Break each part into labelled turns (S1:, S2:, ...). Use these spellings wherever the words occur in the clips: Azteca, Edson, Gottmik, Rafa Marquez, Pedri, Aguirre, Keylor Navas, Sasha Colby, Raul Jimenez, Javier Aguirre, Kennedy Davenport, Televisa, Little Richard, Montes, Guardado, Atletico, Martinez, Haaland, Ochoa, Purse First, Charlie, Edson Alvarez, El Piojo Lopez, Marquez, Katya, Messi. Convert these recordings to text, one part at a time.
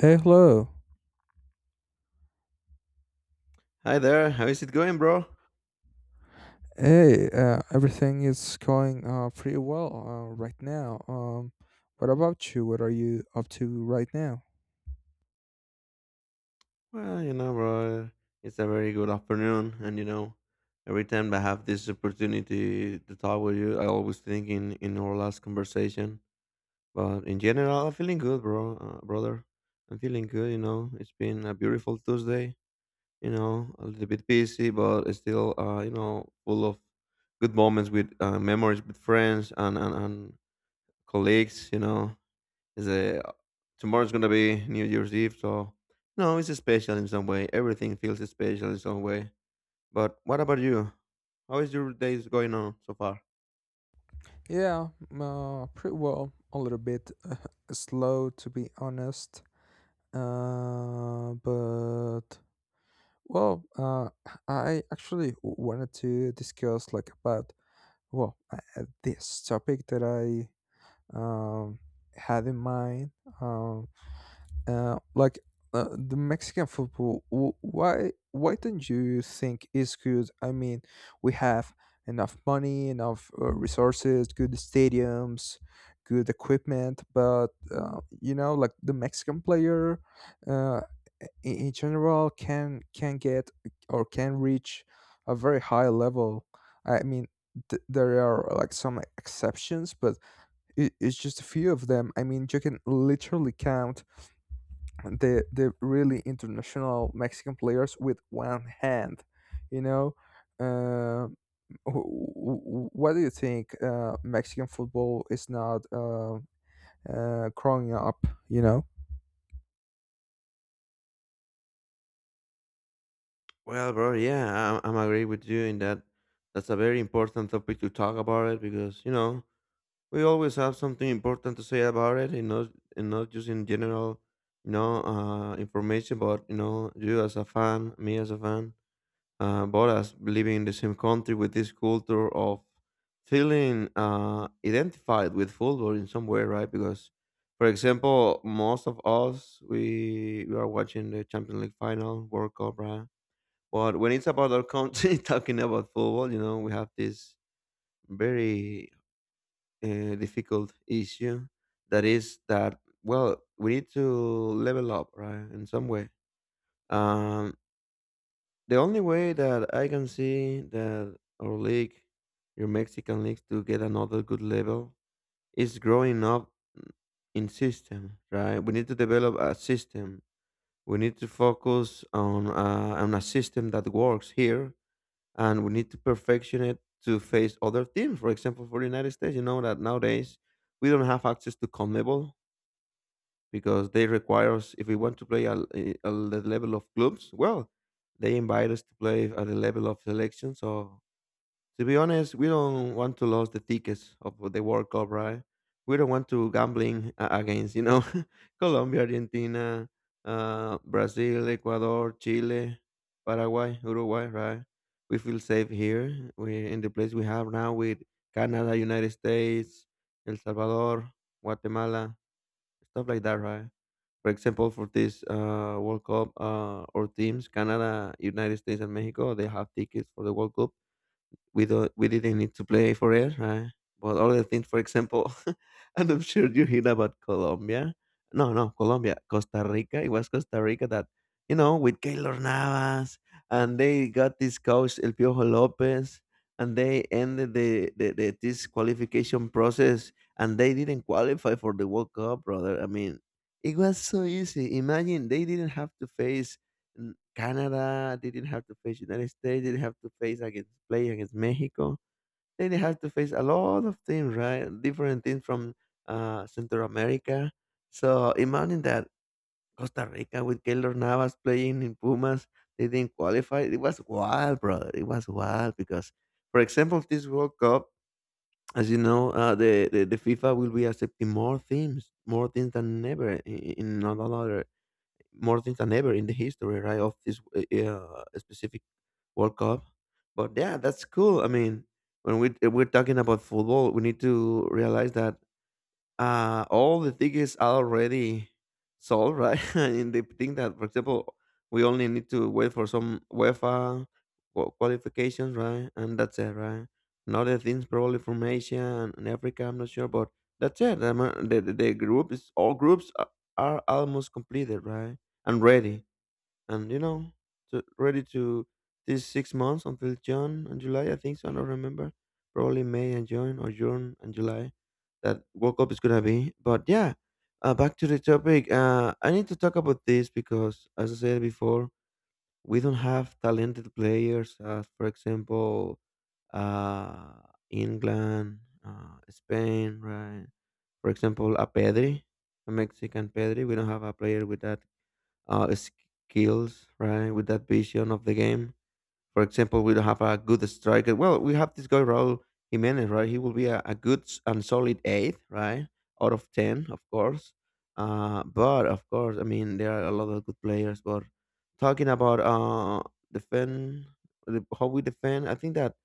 S1: Hey, hello.
S2: Hi there, how is it going, bro?
S1: Hey, everything is going pretty well right now. What about you? What are you up to right now?
S2: Well, you know, bro, it's a very good afternoon, and you know, every time I have this opportunity to talk with you, I always think in our last conversation. But in general, I'm feeling good, bro, brother. I'm feeling good. You know, it's been a beautiful Tuesday. You know, a little bit busy, but still, you know, full of good moments with memories with friends and colleagues. You know, It's a, tomorrow's gonna be New Year's Eve, so no, it's special in some way. Everything feels special in some way. But what about you? How is your days going on so far?
S1: Yeah, pretty well. A little bit slow, to be honest. Uh, but well, uh, I actually wanted to discuss like about this topic that I um had in mind. Um. Uh, like the Mexican football, why don't you think is good? I mean, we have enough money, enough resources, good stadiums, good equipment, but you know, like the Mexican player, uh, in general, can get or can reach a very high level. I mean, there are like some exceptions, but it's just a few of them. I mean, you can literally count the really international Mexican players with one hand, you know. Uh, what do you think? Mexican football is not growing up, you know.
S2: Well, bro, yeah, I'm agree with you in that. That's a very important topic to talk about it, because you know we always have something important to say about it, and not just in general, you know, information, but you know, you as a fan, me as a fan. But as living in the same country with this culture of feeling identified with football in some way, right? Because, for example, most of us we are watching the Champions League final, World Cup, right? But when it's about our country talking about football, you know, we have this very difficult issue, that is that well, we need to level up, right, in some way. Um, the only way that I can see that our league, your Mexican leagues, to get another good level is growing up in system, right? We need to develop a system. We need to focus on on a system that works here, and we need to perfection it to face other teams. For example, for the United States, you know that nowadays we don't have access to CONMEBOL, because they require us if we want to play at the level of clubs. Well, they invite us to play at the level of selection, so to be honest, we don't want to lose the tickets of the World Cup, right? We don't want to gambling against, you know, Colombia, Argentina, Brazil, Ecuador, Chile, Paraguay, Uruguay, right? We feel safe here. We in the place we have now with Canada, United States, El Salvador, Guatemala, stuff like that, right? For example, for this World Cup, our teams, Canada, United States, and Mexico, they have tickets for the World Cup. We don't we didn't need to play forever. But other things, for example, and I'm sure you hear about Colombia. No, no, Colombia, Costa Rica. It was Costa Rica that, you know, with Keylor Navas, and they got this coach El Piojo Lopez, and they ended the this qualification process, and they didn't qualify for the World Cup, brother. I mean, it was so easy. Imagine they didn't have to face L Canada, didn't have to face United States, didn't have to face against play against Mexico. They didn't have to face a lot of things, right? Different things from, Central America. So, imagine that Costa Rica with Keylor Navas playing in Pumas, they didn't qualify. It was wild, brother. It was wild because, for example, this World Cup, as you know, the the FIFA will be accepting more teams than ever in another more than ever in the history, right, of this specific World Cup. But yeah, that's cool. I mean, when we if we're talking about football, we need to realize that all the tickets are already sold, right. And they think that, for example, we only need to wait for some UEFA qualifications, right, and that's it, right, and other things probably from Asia and Africa, I'm not sure, but that's it. I mean, the group is all groups are almost completed, right, and ready, and, you know, ready to these 6 months until June and July, I think so, I don't remember, probably May and June or June and July that World Cup is gonna be. But yeah, back to the topic. I need to talk about this because, as I said before, we don't have talented players as, for example, uh, England, Spain, right? For example, a Pedri, a Mexican Pedri. We don't have a player with that skills, right? With that vision of the game. For example, we don't have a good striker. Well, we have this guy Raul Jimenez, right? He will be a good s- and solid eight, right? Out of ten, of course. But of course, I mean, there are a lot of good players. But talking about defend, how we defend, I think that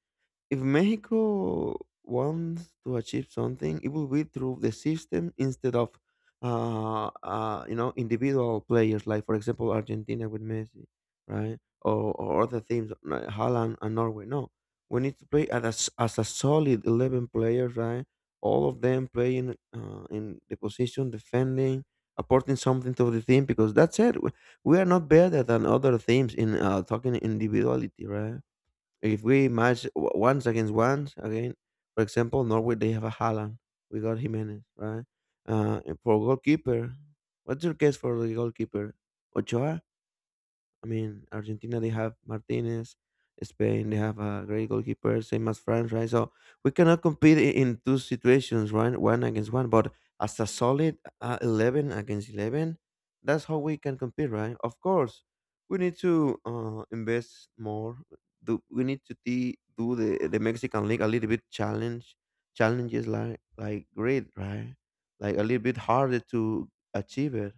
S2: if Mexico wants to achieve something, it will be through the system instead of, you know, individual players. Like for example, Argentina with Messi, right? Or other teams, like Holland and Norway. No, we need to play as as a solid 11 players, right? All of them playing in the position, defending, apporting something to the team, because that's it. We are not better than other teams in talking individuality, right? If we match once against once again, for example, Norway, they have a Haaland. We got Jimenez, right? And for goalkeeper, what's your guess for the goalkeeper? Ochoa. I mean, Argentina, they have Martinez, Spain, they have a great goalkeeper, same as France, right? So we cannot compete in two situations, right? One against one, but as a solid 11 against 11, that's how we can compete, right? Of course, we need to invest more. Do we need to do the Mexican league a little bit challenge, challenges like great, right? Like a little bit harder to achieve it,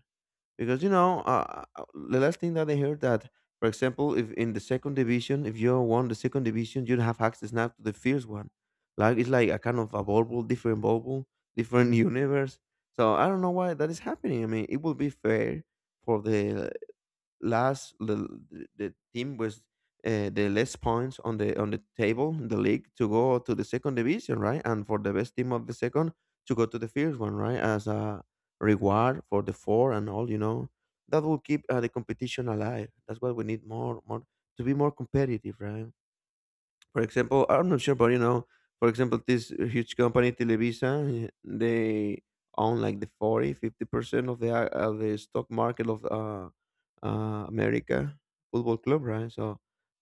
S2: because you know, the last thing that I heard that, for example, if in the second division, if you won the second division, you have access now to the first one. Like it's like a kind of a bubble, different bubble, different universe. So I don't know why that is happening. I mean, it would be fair for last the the team was the less points on the table in the league to go to the second division, right? And for the best team of the second to go to the first one, right? As a reward for the four and all, you know, that will keep the competition alive. That's what we need, more, more, to be more competitive, right? For example, I'm not sure, but you know, for example, this huge company Televisa, eh, they own like the 40, 50% of the stock market of America Football Club, right? So,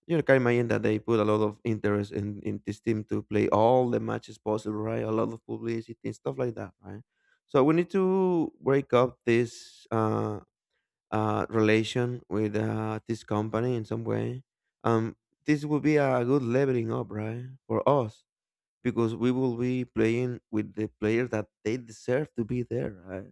S2: you know, can imagine that they put a lot of interest in this team to play all the matches possible, right? A lot of publicity and stuff like that, right? So we need to break up this. Relation with this company in some way. Um, this will be a good leveling up, right, for us, because we will be playing with the players that they deserve to be there, right?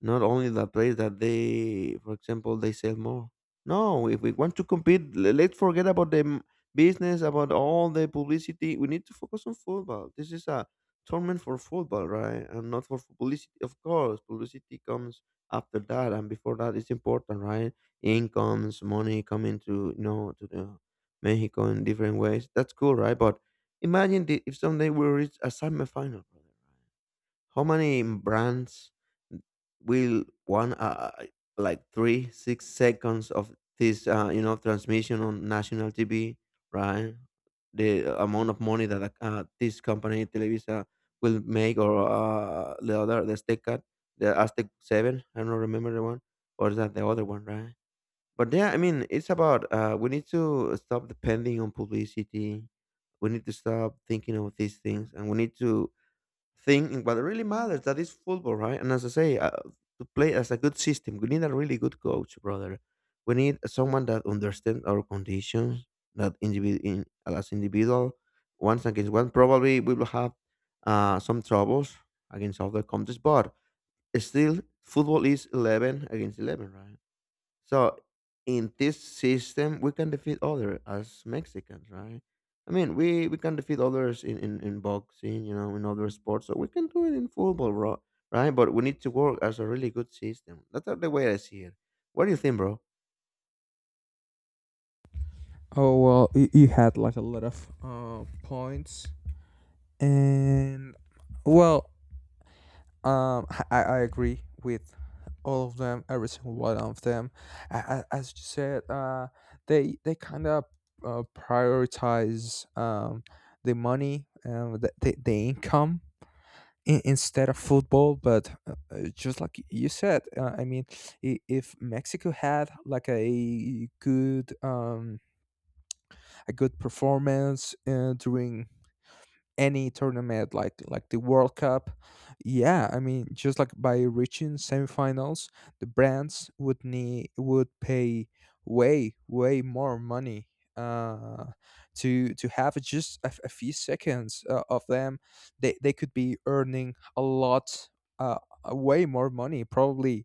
S2: Not only the place that they, for example, they sell more. No, if we want to compete, let's forget about business, about all the publicity. We need to focus on football. This is a tournament for football, right? And not for publicity. Of course, publicity comes after that, and before that, it's important, right? Incomes, money coming to, you know, to the Mexico in different ways. That's cool, right? But imagine if someday we reach a semifinal, brother, right? How many brands will want like three, 6 seconds of this, you know, transmission on national TV, right? The amount of money that this company Televisa will make, or the other, the Azteca, the Aztec Seven. I don't remember the one, or is that the other one, right? But yeah, I mean, it's about, we need to stop depending on publicity. We need to stop thinking of these things, and we need to thing in what really matters, that is football, right? And as I say, to play as a good system, we need a really good coach, brother. We need someone that understands our conditions, that as individual, once against one, probably we will have some troubles against other countries, but still, football is 11 against 11, right? So in this system, we can defeat others as Mexicans, right? I mean, we can defeat others in, in boxing, you know, in other sports. So we can do it in football, bro, right? But we need to work as a really good system. That's the way I see it. What do you think, bro?
S1: Oh well, you had like a lot of points, and well, I agree with all of them, every single one of them. As you said, they kind of prioritize the money and the income instead of football. But just like you said, I mean, if Mexico had like a good performance during any tournament like the World Cup. Yeah, I mean, just like by reaching semifinals, the brands would pay way more money uh to have just a, a few seconds of them. They could be earning a lot, uh way more money, probably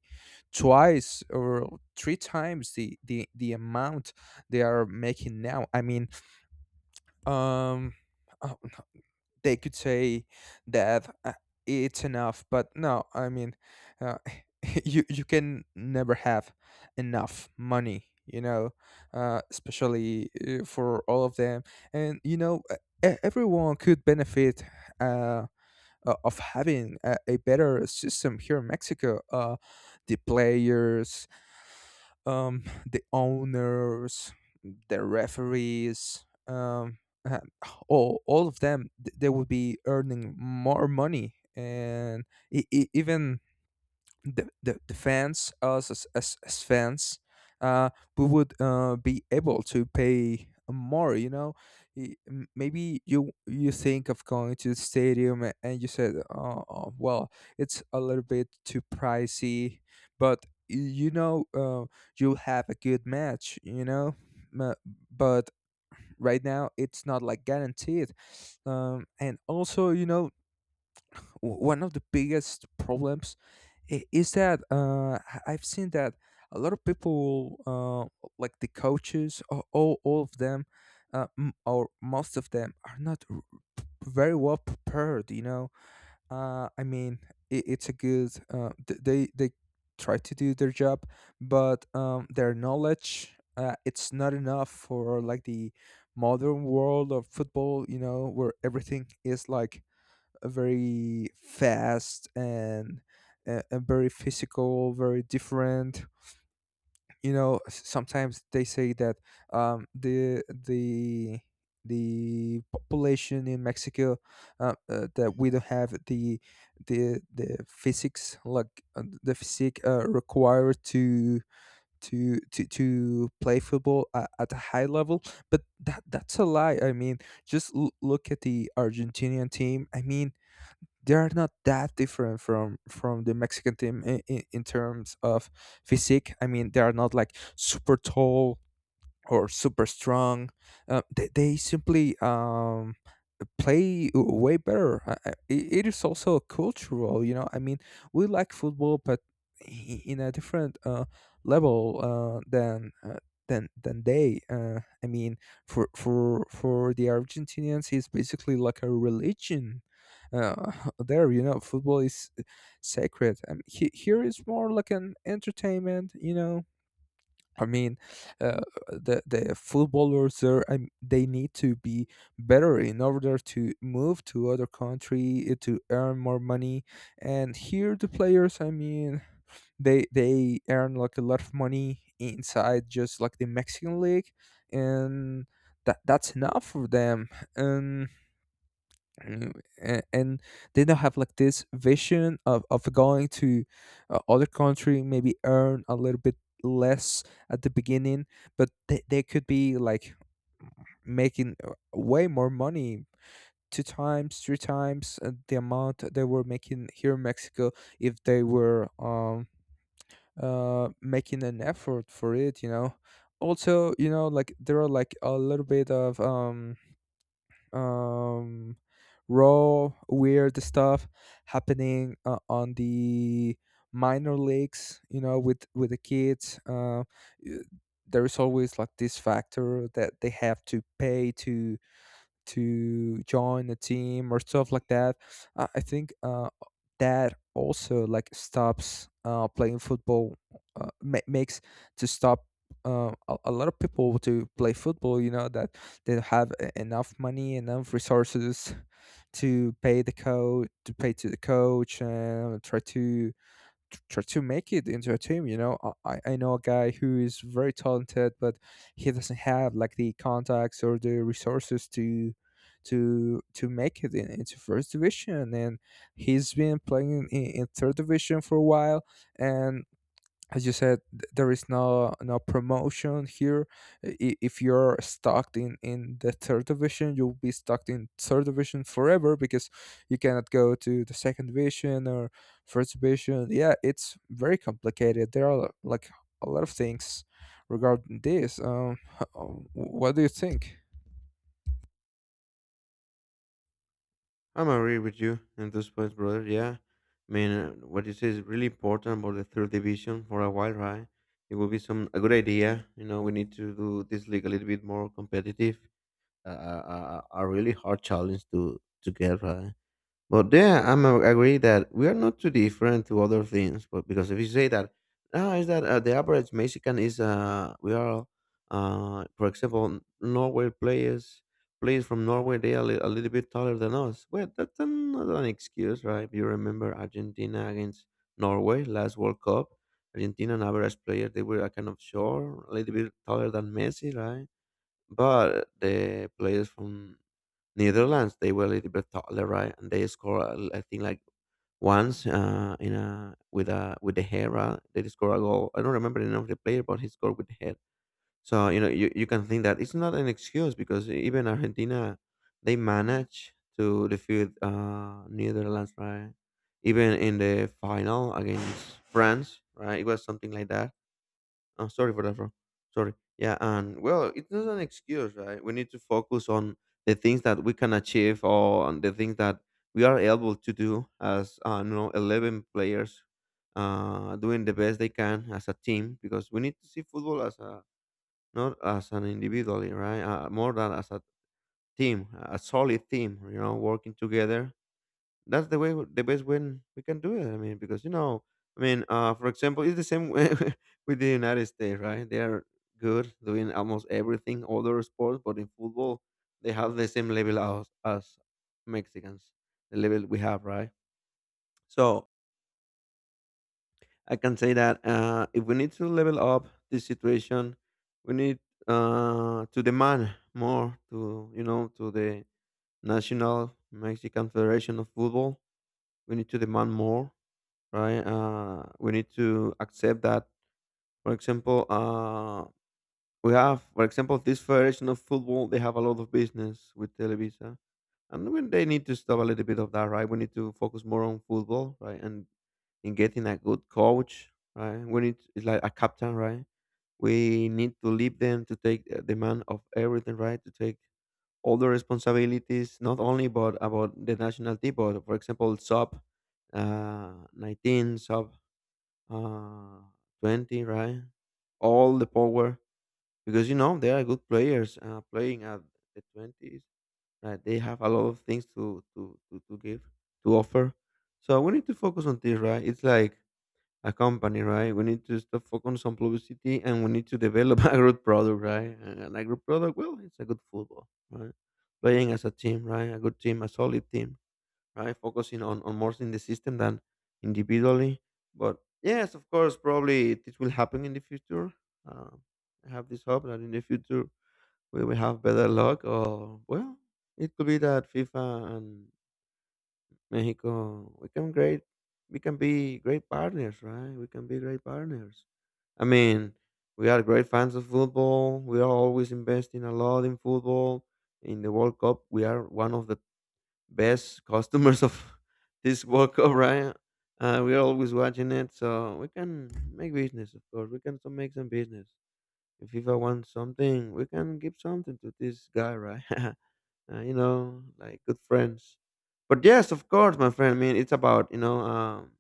S1: twice or three times the amount they are making now. Um they could say that it's enough, but no. Uh, you can never have enough money, you know, especially for all of them. And you know, everyone could benefit, uh, of having a better system here in Mexico. The players, um, the owners, the referees, uh, all of them, they would be earning more money, and even the fans, us as fans, uh, we would be able to pay more, you know. Maybe you think of going to the stadium and you said, "Oh oh, well, it's a little bit too pricey," but you know, you'll have a good match, you know Ma- but right now it's not like guaranteed. And also, you know, one of the biggest problems is that I've seen that a lot of people, like the coaches, all of them, or most of them, are not very well prepared. You know, I mean, it's a good. They try to do their job, but their knowledge, it's not enough for like the modern world of football, you know, where everything is like very fast and very physical, very different. You know, s- sometimes they say that um, the the the population in Mexico, that we don't have the physics, like the physique required to play football at a high level, but that's a lie. I mean, just look at the argentinian team. I mean, they are not that different from the Mexican team in terms of physique. I mean, they are not like super tall or super strong. They simply play way better. It is also cultural, you know. I mean, we like football, but in a different level than. Than they I mean for the argentinians it's basically like a religion. uh, there, you know, football is sacred. Here is more like an entertainment, you know. I mean, uh, the footballers there, I they need to be better in order to move to other country to earn more money. And here, the players, I mean, they earn like a lot of money inside, just like the Mexican league, and that that's enough for them. And Mm, and they don't have like this vision of going to other country, maybe earn a little bit less at the beginning, but they could be like making way more money, two times three times the amount that they were making here in Mexico, if they were making an effort for it, you know. Also, you know, like there are like a little bit of um, raw, weird stuff happening on the minor leagues. You know, with the kids. Y- there is always like this factor that they have to pay to join a team or stuff like that. I think that also like stops playing football, makes to stop a lot of people to play football. You know that they don't have enough money, enough resources to pay the coach, to pay to the coach, and try to try to make it into a team. You know, I know a guy who is very talented, but he doesn't have like the contacts or the resources to make it into first division, and he's been playing in third division for a while, and as you said, there is no promotion here. If you're stuck in the third division, you'll be stuck in third division forever, because you cannot go to the second division or first division. Yeah, it's very complicated. There are like a lot of things regarding this. What do you think?
S2: I'm agree with you in this point, brother. Yeah. I mean, what you say is really important about the third division for a while, right? It will be some a good idea. You know, we need to do this league a little bit more competitive, a really hard challenge to get right. But yeah, I'm agree that we are not too different to other things. But because if you say that, ah, is that the average Mexican is we are for example Norway players, from Norway they are a little bit taller than us. Well, that's not an excuse, right? If you remember Argentina against Norway last World Cup, Argentina an average player they were kind of short, a little bit taller than Messi, right? But the players from Netherlands, they were a little bit taller, right? And they scored, I think, like once in a with the hair. Right? They scored a goal. I don't remember the name of the player, but he scored with the head. So you know, you can think that it's not an excuse because even Argentina, they managed to defeat Netherlands, right? Even in the final against France, right? It was something like that. Oh, sorry for that, bro. Sorry. Yeah, and well, it's not an excuse, right? We need to focus on the things that we can achieve or on the things that we are able to do as you know, 11 players, doing the best they can as a team because we need to see football as a, not as an individually, right? More than as a team, a solid team. You know, working together, that's the way, the best way we can do it. I mean, because you know, I mean, for example, it's the same way with the United States, right? They are good doing almost everything, all other sports, but in football they have the same level as us Mexicans, the level we have, right? So I can say that if we need to level up this situation, we need to demand more to, you know, to the national Mexican federation of football. We need to demand more, right? We need to accept that, for example, we have, for example, this federation of football, they have a lot of business with Televisa. And when they need to stop a little bit of that, right? We need to focus more on football, right? And in getting a good coach, right? We need, it's like a captain, right? We need to leave them to take the man of everything, right? To take all the responsibilities, not only about the national team, but for example, sub 19, sub uh, 20, right? All the power, because you know they are good players playing at the 20s. Right? They have a lot of things to, to give, to offer. So we need to focus on this, right? It's like a company, right? We need to stop focus on publicity and we need to develop a good product, right? And an agro product, well, it's a good football, right? Playing as a team, right? A good team, a solid team, right? Focusing on more in the system than individually. But yes, of course, probably it will happen in the future. Uh, I have this hope that in the future we will have better luck. Or well, it could be that FIFA and Mexico we can great, we can be great partners, right? We can be great partners. I mean, we are great fans of football. We are always investing a lot in football. In the World Cup, we are one of the best customers of this World Cup, right? We're always watching it, so we can make business, of course. We can still make some business. If FIFA wants something, we can give something to this guy, right? You know, like good friends. But yes, of course, my friend. I mean, it's about, you know.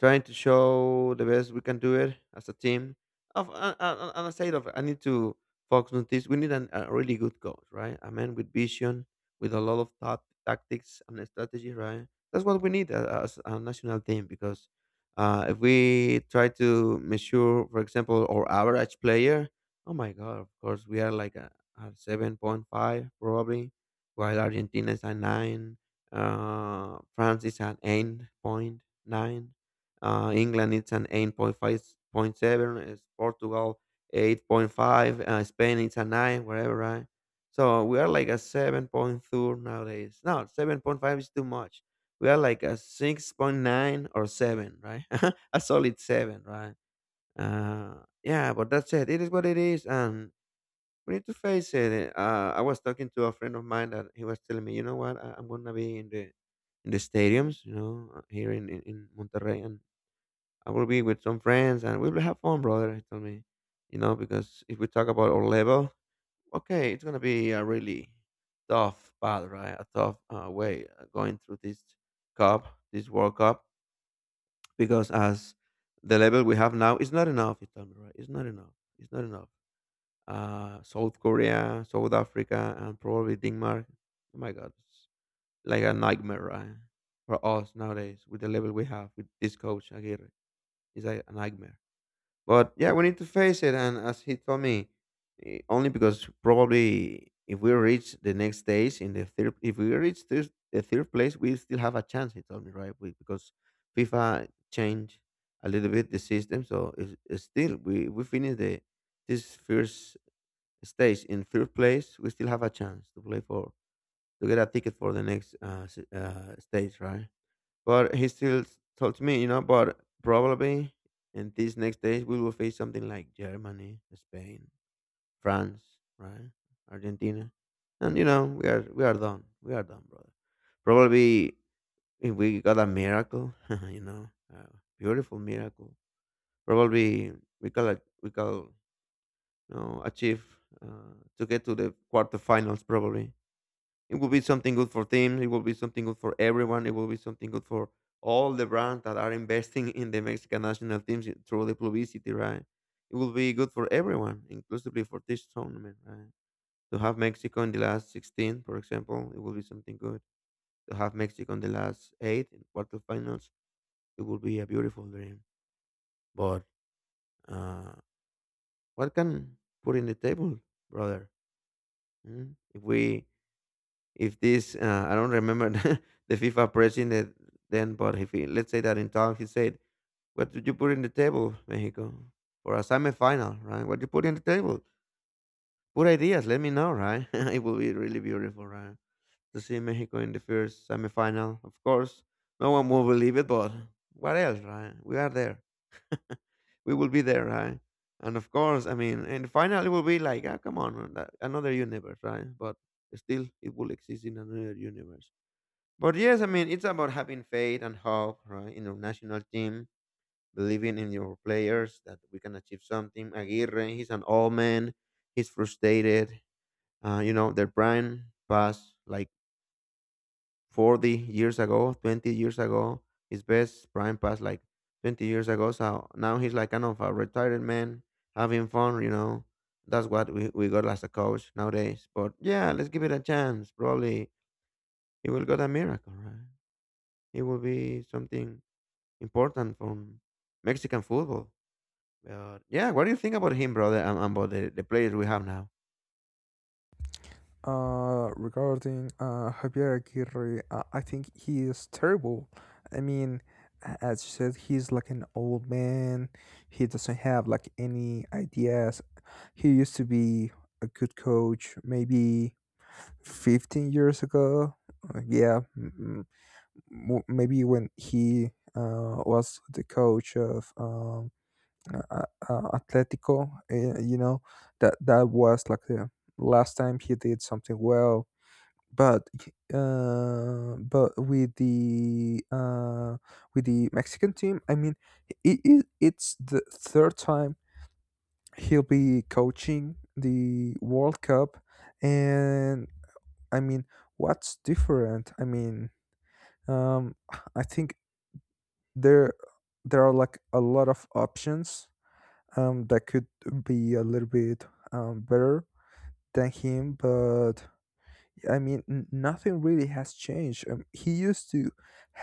S2: Trying to show the best we can do it as a team. Of, and aside of, I need to focus on this. We need an, a really good coach, right? A man with vision, with a lot of thought, tactics and strategy, right? That's what we need as a national team, because if we try to measure, for example, our average player, oh my god, of course we are like a 7.5 probably, while Argentina is a nine, France is at 8.9, England it's an 8.5.7. Is Portugal 8.5. Spain it's a 9, whatever, right? So we are like a 7.2 nowadays. No, 7.5 is too much. We are like a 6.9 or 7, right? a solid 7, right? Yeah, but that's it. It is what it is. And we need to face it. I was talking to a friend of mine that he was telling me, you know what, I'm gonna be in the, in the stadiums, you know, here in in Monterrey, and I will be with some friends and we will have fun, brother. He told me, you know, because if we talk about our level, okay, it's gonna be a really tough path, right? A tough way going through this cup, this World Cup, because as the level we have now is not enough. He told me, right? It's not enough. It's not enough. South Korea, South Africa, and probably Denmark. Oh my God, it's like a nightmare, right? For us nowadays, with the level we have with this coach Aguirre, it's like a nightmare, but yeah, we need to face it. And as he told me, eh, only because probably if we reach the next stage in the third, if we reach this, the third place, we still have a chance. He told me, right? We, because FIFA changed a little bit the system, so it's still we finish the this first stage in third place, we still have a chance to play for to get a ticket for the next stage, right? But he still told me, you know, but probably in these next days we will face something like Germany, Spain, France, right? Argentina. And you know, we are done. We are done, brother. Probably if we got a miracle, you know, a beautiful miracle. Probably we call it, we call, you know, achieve to get to the quarterfinals. Probably it will be something good for teams. It will be something good for everyone. It will be something good for all the brands that are investing in the Mexican national teams through the publicity, right? It will be good for everyone, inclusively for this tournament, right? To have Mexico in the last 16, for example, it will be something good. To have Mexico in the last eight in quarterfinals, it will be a beautiful dream. But uh, what can put in the table, brother? Mm? If we, if this I don't remember the FIFA president then, but if he, let's say that in time he said, "What did you put in the table, Mexico, for a semifinal, right? What you put in the table? Put ideas. Let me know, right? It will be really beautiful, right, to see Mexico in the first semifinal. Of course, no one will believe it, but what else, right? We are there. We will be there, right? And of course, I mean, and the final it will be like, ah, come on, that- another universe, right? But still, it will exist in another universe. But yes, I mean, it's about having faith and hope, right? In your national team, believing in your players that we can achieve something. Aguirre, he's an old man. He's frustrated. You know, their prime passed like 40 years ago, 20 years ago. His best prime passed like 20 years ago. So now he's like kind of a retired man having fun, you know. That's what we got as a coach nowadays. But yeah, let's give it a chance. Probably he will get a miracle, right? It will be something important from Mexican football. But yeah, what do you think about him, brother, and about the players we have now?
S1: Regarding Javier Aguirre, I think he is terrible. I mean, as you said, he's like an old man. He doesn't have like any ideas. He used to be a good coach maybe 15 years ago. Uh, yeah, m- m- Maybe when he was the coach of uh, uh, Atletico, you know, that that was like the last time he did something well, but but with the Mexican team, I mean, it's the third time he'll be coaching the World Cup, and I mean, what's different? Um, I think there there are like a lot of options, that could be a little bit better than him, but I mean, nothing really has changed. He used to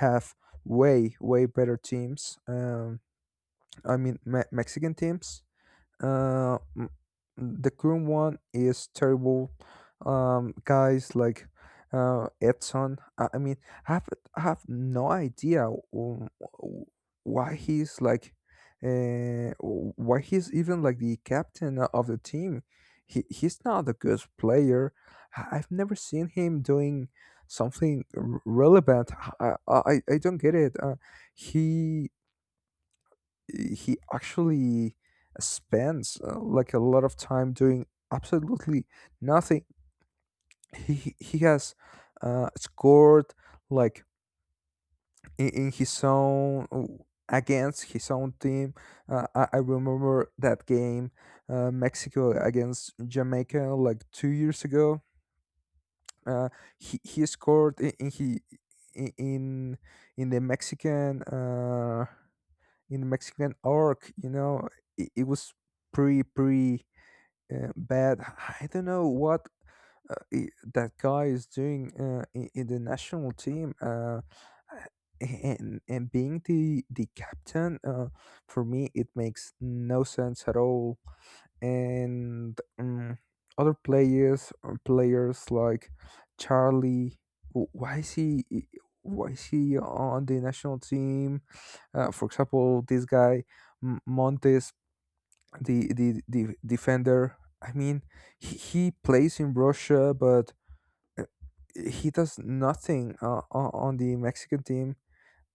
S1: have way better teams. I mean, Mexican teams. Uh, mm, the current one is terrible. Guys like Edson. I mean, I have I have no idea why he's like, why he's even like the captain of the team. He's not a good player. I've never seen him doing something relevant. I don't get it. He he actually spends like a lot of time doing absolutely nothing. He has scored like in his own, against his own team. I remember that game Mexico against Jamaica like 2 years ago. Uh, he scored in in the Mexican. In Mexican arc. You know, it was pretty bad. I don't know what I that guy is doing in the national team. And being the captain, for me it makes no sense at all. And Other players, players like Charlie. Why is he? Why is he on the national team? For example, this guy Montes, the defender. I mean, he plays in Russia, but uh, he does nothing on the Mexican team.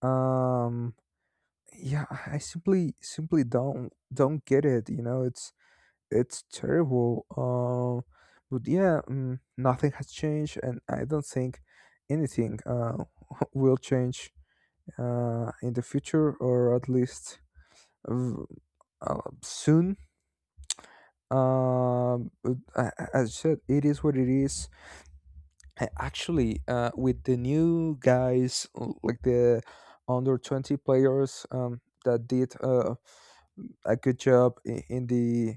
S1: Um, yeah, I simply simply don't get it. You know, it's terrible. But yeah, nothing has changed, and I don't think anything will change in the future, or at least v- soon. But as I said, it is what it is. Actually, with the new guys, like the under 20 players, that did a good job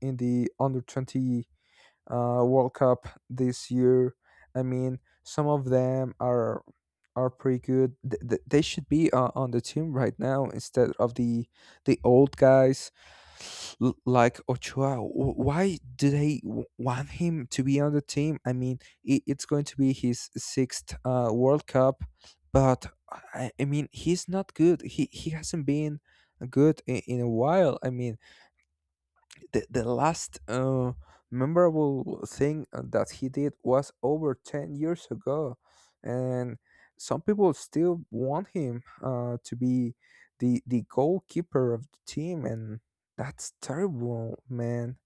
S1: in the under 20 World Cup this year. I mean, some of them are pretty good. They should be on the team right now instead of the old guys like Ochoa. Why do they want him to be on the team? I mean, I it's going to be his sixth World Cup, but I mean, he's not good. He hasn't been good in a while. I mean, the last memorable thing that he did was over 10 years ago, and some people still want him to be the goalkeeper of the team, and that's terrible, man.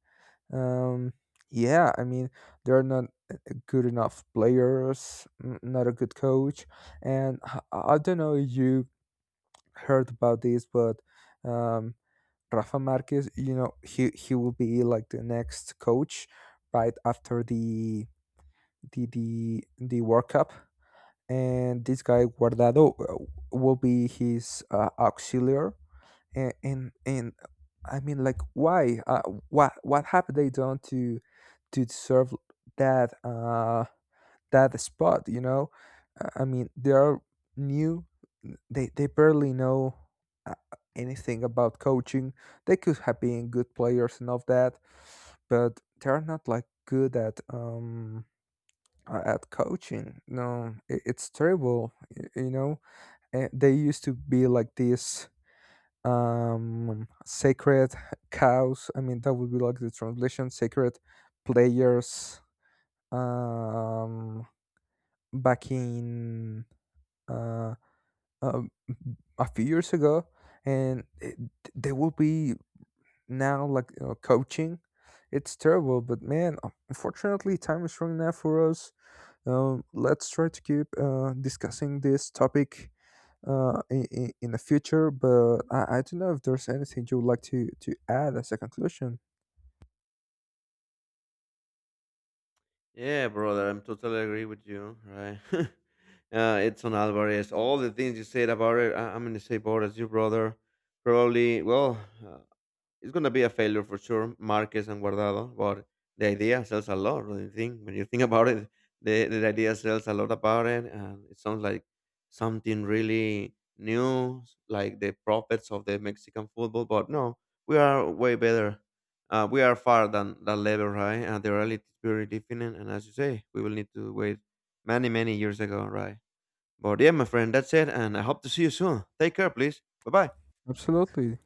S1: um yeah, I mean, they're not good enough players, not a good coach. I don't know if you heard about this, but um Rafa Marquez, you know, he will be like the next coach right after the World Cup, and this guy Guardado will be his auxiliary. And I mean, like, why? What have they done to deserve that? That spot, you know. I mean they are new, they barely know uh, anything about coaching. They could have been good players and all that, but they're not like good at coaching. No, it's terrible, you know. And they used to be like this sacred cows, I mean that would be like the translation, sacred players, um back in uh, um, a few years ago, and they will be now like, you know, coaching. It's terrible, but man, unfortunately, time is running out for us. Let's try to keep discussing this topic in the future. But I don't know if there's anything you would like to add as a conclusion.
S2: Yeah, brother, I'm totally agree with you, right? Edson Alvarez, all the things you said about it, I, I'm gonna say about as you, brother. Probably, well, uh, it's gonna be a failure for sure, Marquez and Guardado, but the idea sells a lot. When you think about it, the idea sells a lot about it, and it sounds like something really new, like the prophets of the Mexican football. But no, we are way better. We are far than that level, right? And the reality is very different. And as you say, we will need to wait many, many years ago, right? But yeah, my friend, that's it. And I hope to see you soon. Take care, please. Bye bye.
S1: Absolutely.